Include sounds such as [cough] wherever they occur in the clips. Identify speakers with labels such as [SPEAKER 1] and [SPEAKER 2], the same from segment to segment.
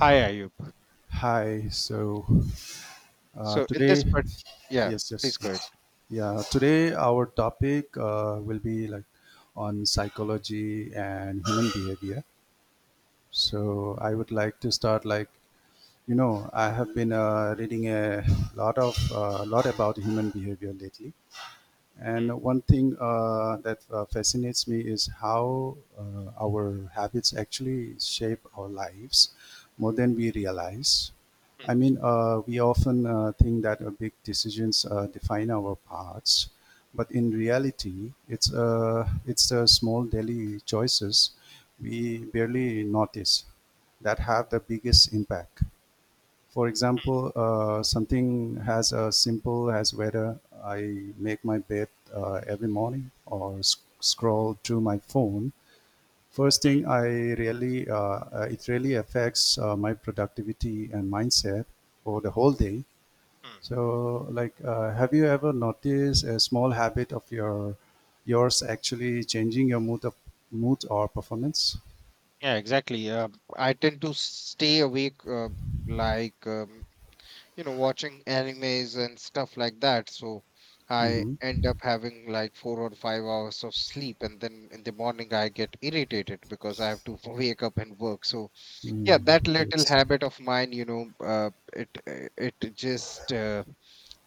[SPEAKER 1] Hi, Ayub.
[SPEAKER 2] Hi. Uh,
[SPEAKER 1] So in
[SPEAKER 2] today,
[SPEAKER 1] this part, yeah,
[SPEAKER 2] yes,
[SPEAKER 1] please
[SPEAKER 2] yes,
[SPEAKER 1] go ahead.
[SPEAKER 2] yes. Yeah, today our topic will be like on psychology and human behavior. So I would like to start like I have been reading a lot of a lot about human behavior lately. And
[SPEAKER 1] Mm,
[SPEAKER 2] one thing that fascinates me is how our habits actually shape our lives more than we realize.
[SPEAKER 1] mm,
[SPEAKER 2] We often think that big decisions define our paths, but in reality, it's the small daily choices we barely notice that have the biggest impact. For example, something as simple as whether I make my bed every morning or scroll through my phone. First
[SPEAKER 1] mm,
[SPEAKER 2] thing, I really it really affects my productivity and mindset for the whole day.
[SPEAKER 1] mm.
[SPEAKER 2] So, have you ever noticed a small habit of yours actually changing your mood or performance?
[SPEAKER 1] Yeah, exactly. I tend to stay awake, like um, you know, watching animes and stuff like that. So I
[SPEAKER 2] Mm-hmm.
[SPEAKER 1] end up having like 4 or 5 hours of sleep, and then in the morning I get irritated because I have to [laughs] wake up and work. So yeah,
[SPEAKER 2] Mm,
[SPEAKER 1] that little
[SPEAKER 2] yes.
[SPEAKER 1] habit of mine, it it just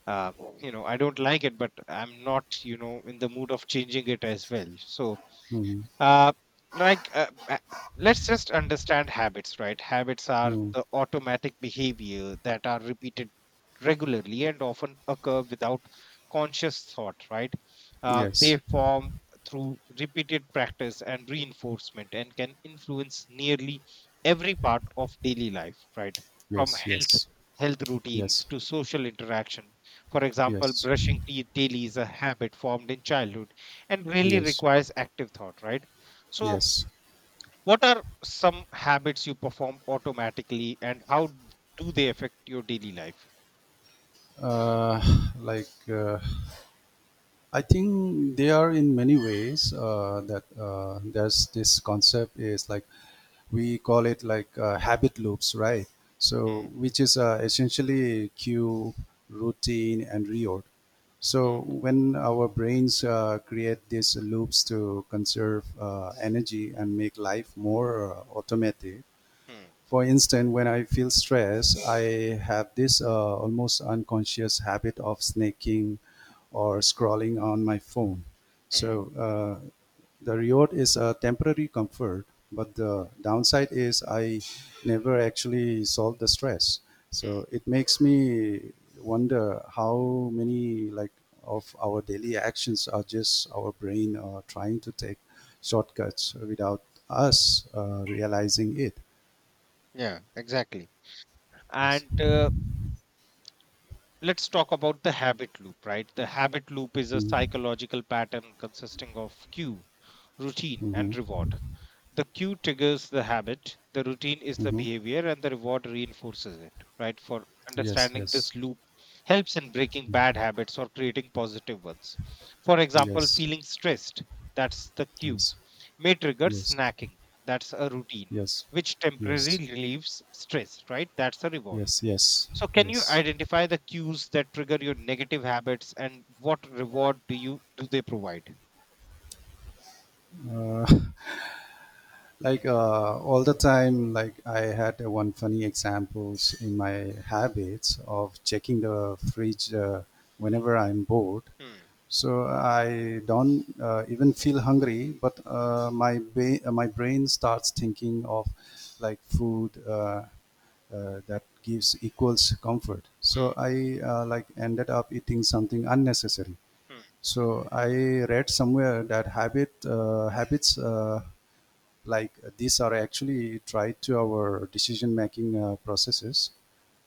[SPEAKER 1] uh, you know, I don't like it but I'm not, you know, in the mood of changing it as well. So
[SPEAKER 2] Mm,
[SPEAKER 1] uh, like, uh, uh, let's just understand habits, right? Habits are
[SPEAKER 2] mm,
[SPEAKER 1] the automatic behavior that are repeated regularly and often occur without conscious thought, right?
[SPEAKER 2] yes.
[SPEAKER 1] They form through repeated practice and reinforcement and can influence nearly every part of daily life, right? From
[SPEAKER 2] Yes.
[SPEAKER 1] health
[SPEAKER 2] Yes.
[SPEAKER 1] health routines
[SPEAKER 2] Yes,
[SPEAKER 1] to social interaction. For example,
[SPEAKER 2] yes,
[SPEAKER 1] brushing teeth daily is a habit formed in childhood and really
[SPEAKER 2] yes,
[SPEAKER 1] requires active thought, right? So,
[SPEAKER 2] yes.
[SPEAKER 1] what are some habits you perform automatically and how do they affect your daily life?
[SPEAKER 2] Uh, like uh, I think they are in many ways that there's this concept is like we call it like habit loops, right? So
[SPEAKER 1] Mm,
[SPEAKER 2] which is essentially cue, routine, and reorder.
[SPEAKER 1] mm,
[SPEAKER 2] So when our brains create these loops to conserve energy and make life more automatic.
[SPEAKER 1] mm,
[SPEAKER 2] For instance, when I feel stress, I have this almost unconscious habit of snaking or scrolling on my phone.
[SPEAKER 1] mm,
[SPEAKER 2] So the reward is a temporary comfort, but the downside is I never actually solve the stress.
[SPEAKER 1] mm.
[SPEAKER 2] So it makes me wonder how many like of our daily actions are just our brain trying to take shortcuts without us realizing it.
[SPEAKER 1] Yeah, exactly.
[SPEAKER 2] Yes.
[SPEAKER 1] And let's talk about the habit loop, right? The habit loop is a
[SPEAKER 2] Mm-hmm.
[SPEAKER 1] psychological pattern consisting of cue, routine, and
[SPEAKER 2] Mm-hmm.
[SPEAKER 1] reward. The cue triggers the habit, the routine is the
[SPEAKER 2] Mm-hmm.
[SPEAKER 1] behavior, and the reward reinforces it, right? For
[SPEAKER 2] Yes,
[SPEAKER 1] understanding
[SPEAKER 2] yes,
[SPEAKER 1] this loop helps in breaking bad habits or creating positive ones. For example,
[SPEAKER 2] yes,
[SPEAKER 1] feeling stressed, that's the cue,
[SPEAKER 2] yes,
[SPEAKER 1] may trigger
[SPEAKER 2] yes,
[SPEAKER 1] snacking, that's a routine,
[SPEAKER 2] yes,
[SPEAKER 1] which
[SPEAKER 2] yes,
[SPEAKER 1] temporarily relieves stress, right, that's a reward.
[SPEAKER 2] yes, yes,
[SPEAKER 1] So, can you
[SPEAKER 2] yes.
[SPEAKER 1] identify the cues that trigger your negative habits and what reward do you do they provide?
[SPEAKER 2] Uh, all the time like I had one funny examples in my habits of checking the fridge whenever I'm bored
[SPEAKER 1] Hmm,
[SPEAKER 2] so I don't even feel hungry but my brain starts thinking of like food that gives equals comfort so
[SPEAKER 1] hmm,
[SPEAKER 2] I like ended up eating something unnecessary
[SPEAKER 1] hmm,
[SPEAKER 2] so I read somewhere that habits these are actually tied to our decision making processes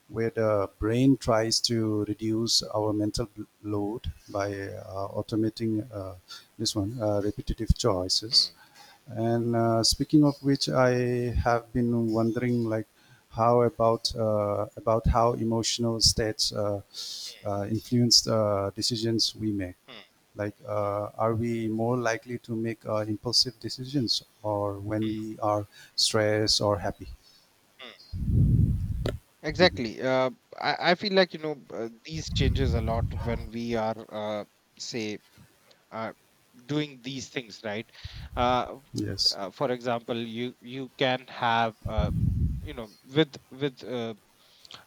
[SPEAKER 2] where the brain tries to reduce our mental load by automating this one repetitive choices
[SPEAKER 1] hmm,
[SPEAKER 2] and speaking of which I have been wondering like how about how emotional states uh,
[SPEAKER 1] hmm,
[SPEAKER 2] uh, influence uh, decisions we make
[SPEAKER 1] hmm,
[SPEAKER 2] like, are we more likely to make impulsive decisions or when
[SPEAKER 1] hmm,
[SPEAKER 2] we are stressed or happy?
[SPEAKER 1] hmm.
[SPEAKER 2] Mhm.
[SPEAKER 1] Exactly. I feel like, you know, these changes a lot when we are, say, uh, doing these things, right? Uh,
[SPEAKER 2] Yes.
[SPEAKER 1] for example, you can have, you know, with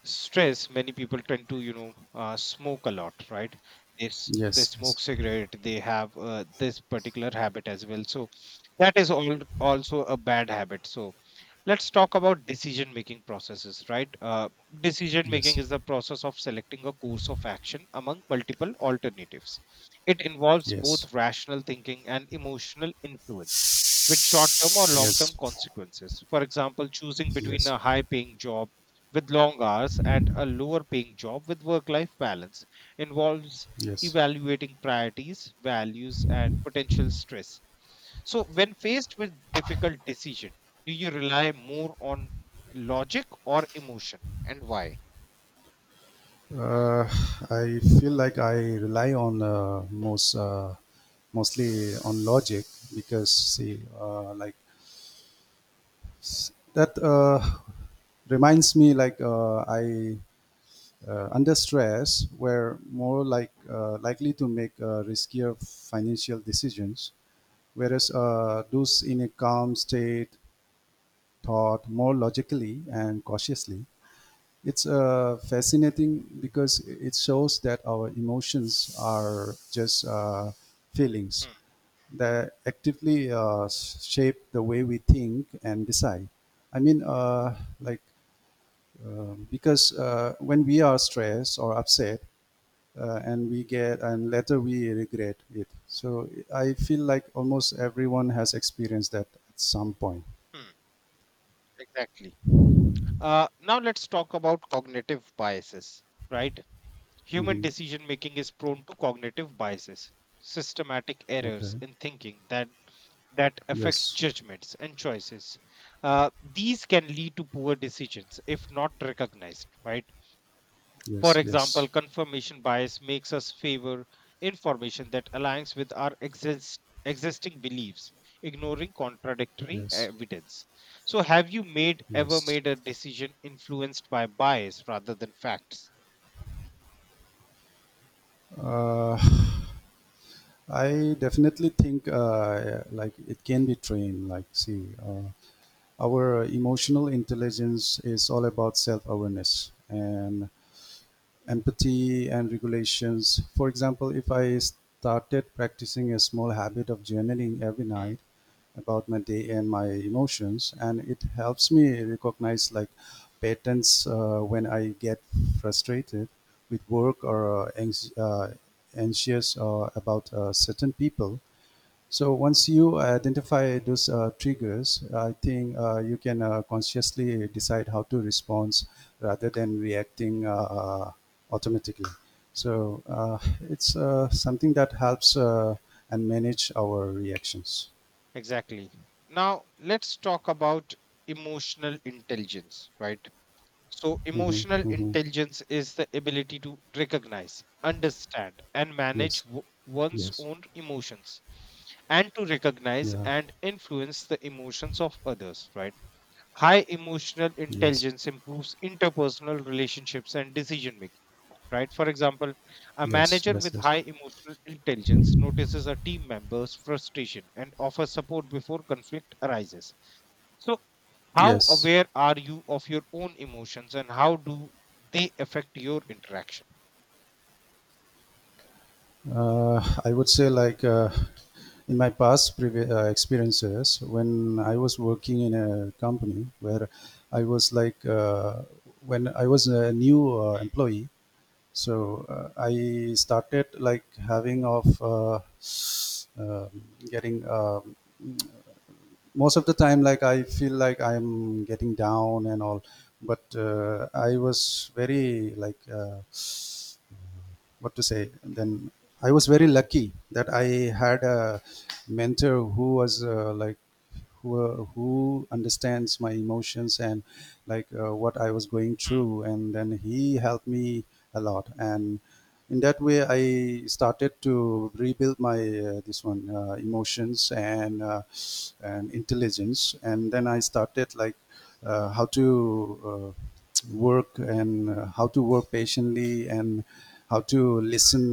[SPEAKER 1] stress, many people tend to, you know, smoke a lot, right? This, they
[SPEAKER 2] Yes.
[SPEAKER 1] smoke
[SPEAKER 2] Yes.
[SPEAKER 1] cigarette, they have this particular habit as well. So that is all also a bad habit. So let's talk about decision making processes, right? Decision making
[SPEAKER 2] Yes.
[SPEAKER 1] is the process of selecting a course of action among multiple alternatives. It involves
[SPEAKER 2] Yes.
[SPEAKER 1] both rational thinking and emotional influence with short term or long term
[SPEAKER 2] Yes.
[SPEAKER 1] consequences. For example, choosing between
[SPEAKER 2] Yes.
[SPEAKER 1] a high paying job with long hours and a lower paying job with work life balance involves
[SPEAKER 2] Yes.
[SPEAKER 1] evaluating priorities, values, and potential stress. So, when faced with difficult decision, do you rely more on logic or emotion, and why?
[SPEAKER 2] Uh, I feel like I rely on mostly on logic because see, that reminds me like I under stress were more like likely to make riskier financial decisions, whereas those in a calm state thought more logically and cautiously. It's fascinating because it shows that our emotions are just feelings
[SPEAKER 1] Hmm,
[SPEAKER 2] that actively shape the way we think and decide. I mean, uh, like, because when we are stressed or upset, and we get and later we regret it so I feel like almost everyone has experienced that at some point.
[SPEAKER 1] hmm, exactly. Now let's talk about cognitive biases. Right, human
[SPEAKER 2] Hmm.
[SPEAKER 1] decision making is prone to cognitive biases, systematic errors
[SPEAKER 2] Okay.
[SPEAKER 1] in thinking that affect
[SPEAKER 2] Yes,
[SPEAKER 1] judgments and choices. These can lead to poor decisions if not recognized, right? For
[SPEAKER 2] yes, yes,
[SPEAKER 1] example, confirmation bias makes us favor information that aligns with our existing beliefs, ignoring contradictory
[SPEAKER 2] yes,
[SPEAKER 1] evidence. So, have you made ever
[SPEAKER 2] yes.
[SPEAKER 1] made a decision influenced by bias rather than facts?
[SPEAKER 2] uh, I definitely think it can be trained like see, our emotional intelligence is all about self-awareness and empathy and regulations. For example, if I started practicing a small habit of journaling every
[SPEAKER 1] Hmm,
[SPEAKER 2] night about my day and my emotions, and it helps me recognize like patterns when I get frustrated with work or anxious about certain people. So once you identify those triggers I think you can consciously decide how to respond rather than reacting automatically. So it's something that helps and manage our reactions.
[SPEAKER 1] exactly. Now, let's talk about emotional intelligence, right? So,
[SPEAKER 2] Mhm,
[SPEAKER 1] emotional
[SPEAKER 2] mhm.
[SPEAKER 1] intelligence is the ability to recognize, understand, and manage
[SPEAKER 2] Yes,
[SPEAKER 1] one's
[SPEAKER 2] yes,
[SPEAKER 1] own emotions, and to recognize
[SPEAKER 2] yeah,
[SPEAKER 1] and influence the emotions of others, right? High emotional
[SPEAKER 2] yes,
[SPEAKER 1] intelligence improves interpersonal relationships and decision making, right? For example, a
[SPEAKER 2] yes,
[SPEAKER 1] manager
[SPEAKER 2] yes,
[SPEAKER 1] with
[SPEAKER 2] yes,
[SPEAKER 1] high emotional intelligence notices a team member's frustration and offers support before conflict arises. So, how
[SPEAKER 2] yes.
[SPEAKER 1] aware are you of your own emotions and how do they affect your interaction?
[SPEAKER 2] Uh, I would say in my past experiences, when I was working in a company where I was like when I was a new
[SPEAKER 1] Hmm,
[SPEAKER 2] employee, I started like having of um getting. Most of the time like I feel like I'm getting down and all but I was very like what to say then I was very lucky that I had a mentor who was who understands my emotions and what I was going through and then he helped me a lot, and in that way I started to rebuild my this one emotions and intelligence, and then I started like how to work and how to work patiently and how to listen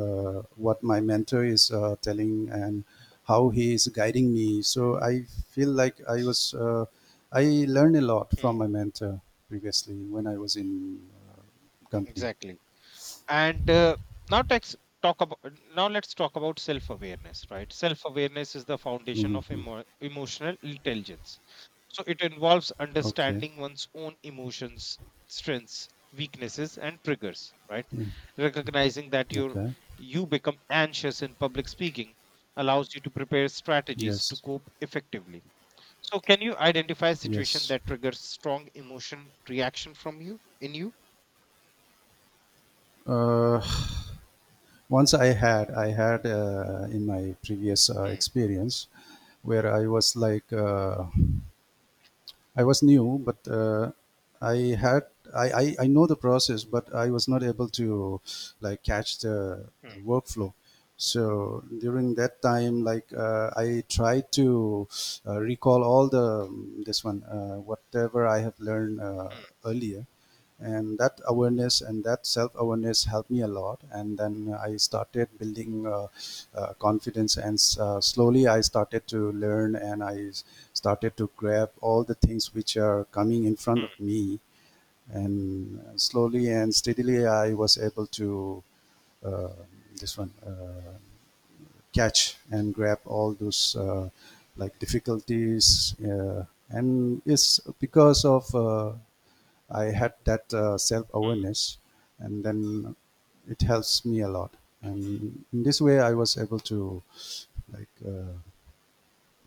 [SPEAKER 2] what my mentor is telling and how he is guiding me. So I feel like I learned a lot from my
[SPEAKER 1] hmm,
[SPEAKER 2] mentor previously when I was in uh, company.
[SPEAKER 1] Exactly. and now let's talk about self awareness, right? Self awareness is the foundation
[SPEAKER 2] Hmm.
[SPEAKER 1] of emotional intelligence, so it involves
[SPEAKER 2] Okay.
[SPEAKER 1] understanding one's own emotions, strengths, weaknesses, and triggers, right? Recognizing that you
[SPEAKER 2] Okay.
[SPEAKER 1] you become anxious in public speaking allows you to prepare strategies to
[SPEAKER 2] Yes.
[SPEAKER 1] cope effectively. So can you identify a situation
[SPEAKER 2] Yes.
[SPEAKER 1] that triggers strong emotion reaction from you in you?
[SPEAKER 2] Uh, [sighs] once I had in my previous
[SPEAKER 1] Hmm,
[SPEAKER 2] experience where I was I was new, but I had, I know the process, but I was not able to like catch the
[SPEAKER 1] hmm,
[SPEAKER 2] workflow. So during that time, I tried to recall all the whatever I have learned
[SPEAKER 1] hmm,
[SPEAKER 2] earlier, and that awareness and that self-awareness helped me a lot, and then I started building confidence and slowly I started to learn and I started to grab all the things which are coming in front of
[SPEAKER 1] hmm,
[SPEAKER 2] me. And slowly and steadily I was able to uh, this one catch and grab all those like difficulties, and it's because of I had that self
[SPEAKER 1] hmm.
[SPEAKER 2] awareness, and then it helps me a lot. And in this way, I was able to, like, uh,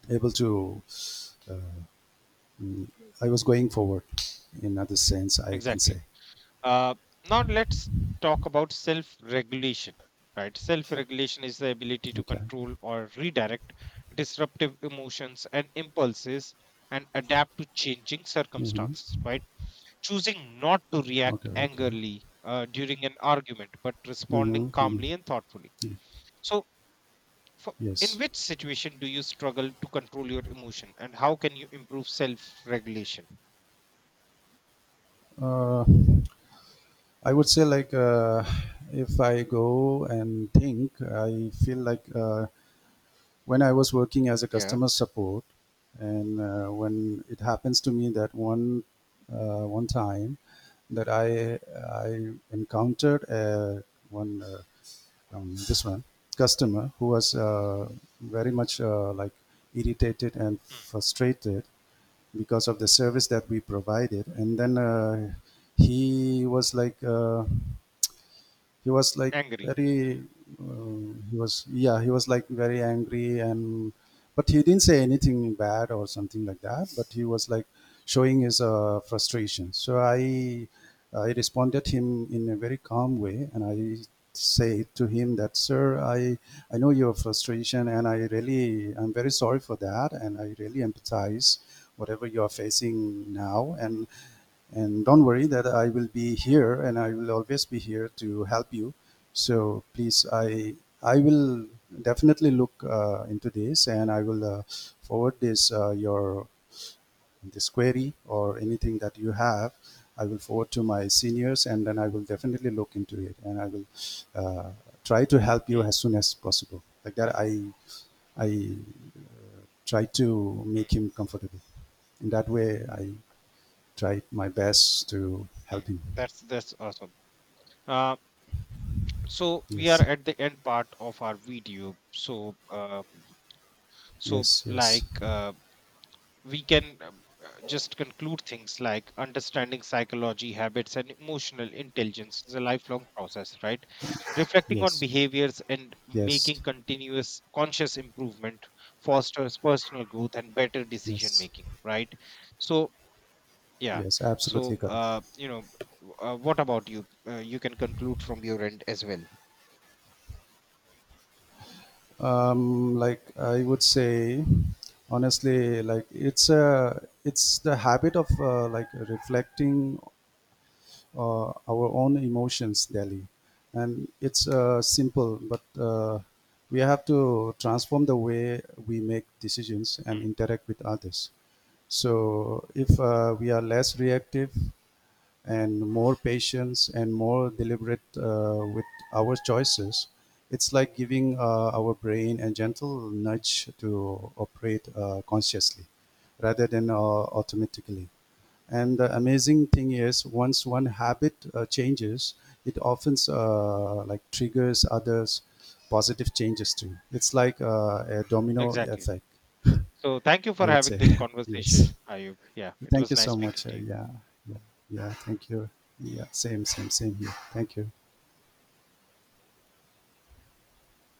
[SPEAKER 2] able to, uh, mm, I was going forward. In other sense, I can say,
[SPEAKER 1] Exactly. Uh, Now let's talk about self-regulation. Right, self-regulation is the ability to
[SPEAKER 2] okay.
[SPEAKER 1] control or redirect disruptive emotions and impulses and adapt to changing
[SPEAKER 2] Hmm.
[SPEAKER 1] circumstances. Right, choosing not to
[SPEAKER 2] Okay,
[SPEAKER 1] react
[SPEAKER 2] okay.
[SPEAKER 1] angrily during an argument, but responding
[SPEAKER 2] Hmm.
[SPEAKER 1] calmly and thoughtfully. So for, in
[SPEAKER 2] Yes.
[SPEAKER 1] which situation do you struggle to control your emotion and how can you improve self regulation?
[SPEAKER 2] Uh, I would say if I go and think, I feel like when I was working as a
[SPEAKER 1] Yeah.
[SPEAKER 2] customer support, and when it happens to me that one time that I encountered one this one customer who was very much like irritated and
[SPEAKER 1] Mm,
[SPEAKER 2] frustrated because of the service that we provided, and then he was like. Uh, he was like
[SPEAKER 1] angry.
[SPEAKER 2] very uh, he was yeah he was like very angry, and but he didn't say anything bad or something like that, but he was like showing his frustration. So I responded him in a very calm way and I say to him that sir, I know your frustration and I really, I'm very sorry for that, and I really empathize whatever you are facing now, and don't worry that I will be here and I will always be here to help you. So please, I will definitely look into this, and I will forward this your this query or anything that you have. I will forward to my seniors, and then I will definitely look into it, and I will uh, try to help you
[SPEAKER 1] Mm,
[SPEAKER 2] as soon as possible. Like that, I try to
[SPEAKER 1] mm,
[SPEAKER 2] make him comfortable. In that way, I tried my best to help
[SPEAKER 1] mm.
[SPEAKER 2] him.
[SPEAKER 1] That's awesome. Uh, so we are
[SPEAKER 2] Yes,
[SPEAKER 1] at the end part of our video. So uh, so
[SPEAKER 2] yes, yes,
[SPEAKER 1] like uh, we can just conclude things like understanding psychology, habits, and emotional intelligence is a lifelong process, right? Reflecting on
[SPEAKER 2] yes,
[SPEAKER 1] behaviors and
[SPEAKER 2] yes,
[SPEAKER 1] making continuous conscious improvement fosters personal growth and better decision
[SPEAKER 2] yes,
[SPEAKER 1] making, right? So, yeah.
[SPEAKER 2] yes, absolutely
[SPEAKER 1] So,
[SPEAKER 2] correct.
[SPEAKER 1] you know, what about you? You can conclude from your end as well.
[SPEAKER 2] Like I would say, honestly, like it's the habit of like reflecting our own emotions daily, and it's simple, but we have to transform the way we make decisions and
[SPEAKER 1] Hmm,
[SPEAKER 2] interact with others. So if we are less reactive and more patience and more deliberate with our choices, it's like giving our brain a gentle nudge to operate consciously rather than automatically. And the amazing thing is, once one habit changes, it often like triggers others positive changes too. It's like a domino
[SPEAKER 1] Exactly.
[SPEAKER 2] effect,
[SPEAKER 1] So, thank you for
[SPEAKER 2] I would
[SPEAKER 1] having
[SPEAKER 2] say.
[SPEAKER 1] this
[SPEAKER 2] [laughs]
[SPEAKER 1] conversation,
[SPEAKER 2] Yes.
[SPEAKER 1] Ayub. Yeah, it
[SPEAKER 2] Thank
[SPEAKER 1] was
[SPEAKER 2] you
[SPEAKER 1] nice
[SPEAKER 2] so
[SPEAKER 1] speaking
[SPEAKER 2] much.
[SPEAKER 1] to you.
[SPEAKER 2] Yeah, yeah, yeah. Thank you. Yeah, same, same, same here. Thank you.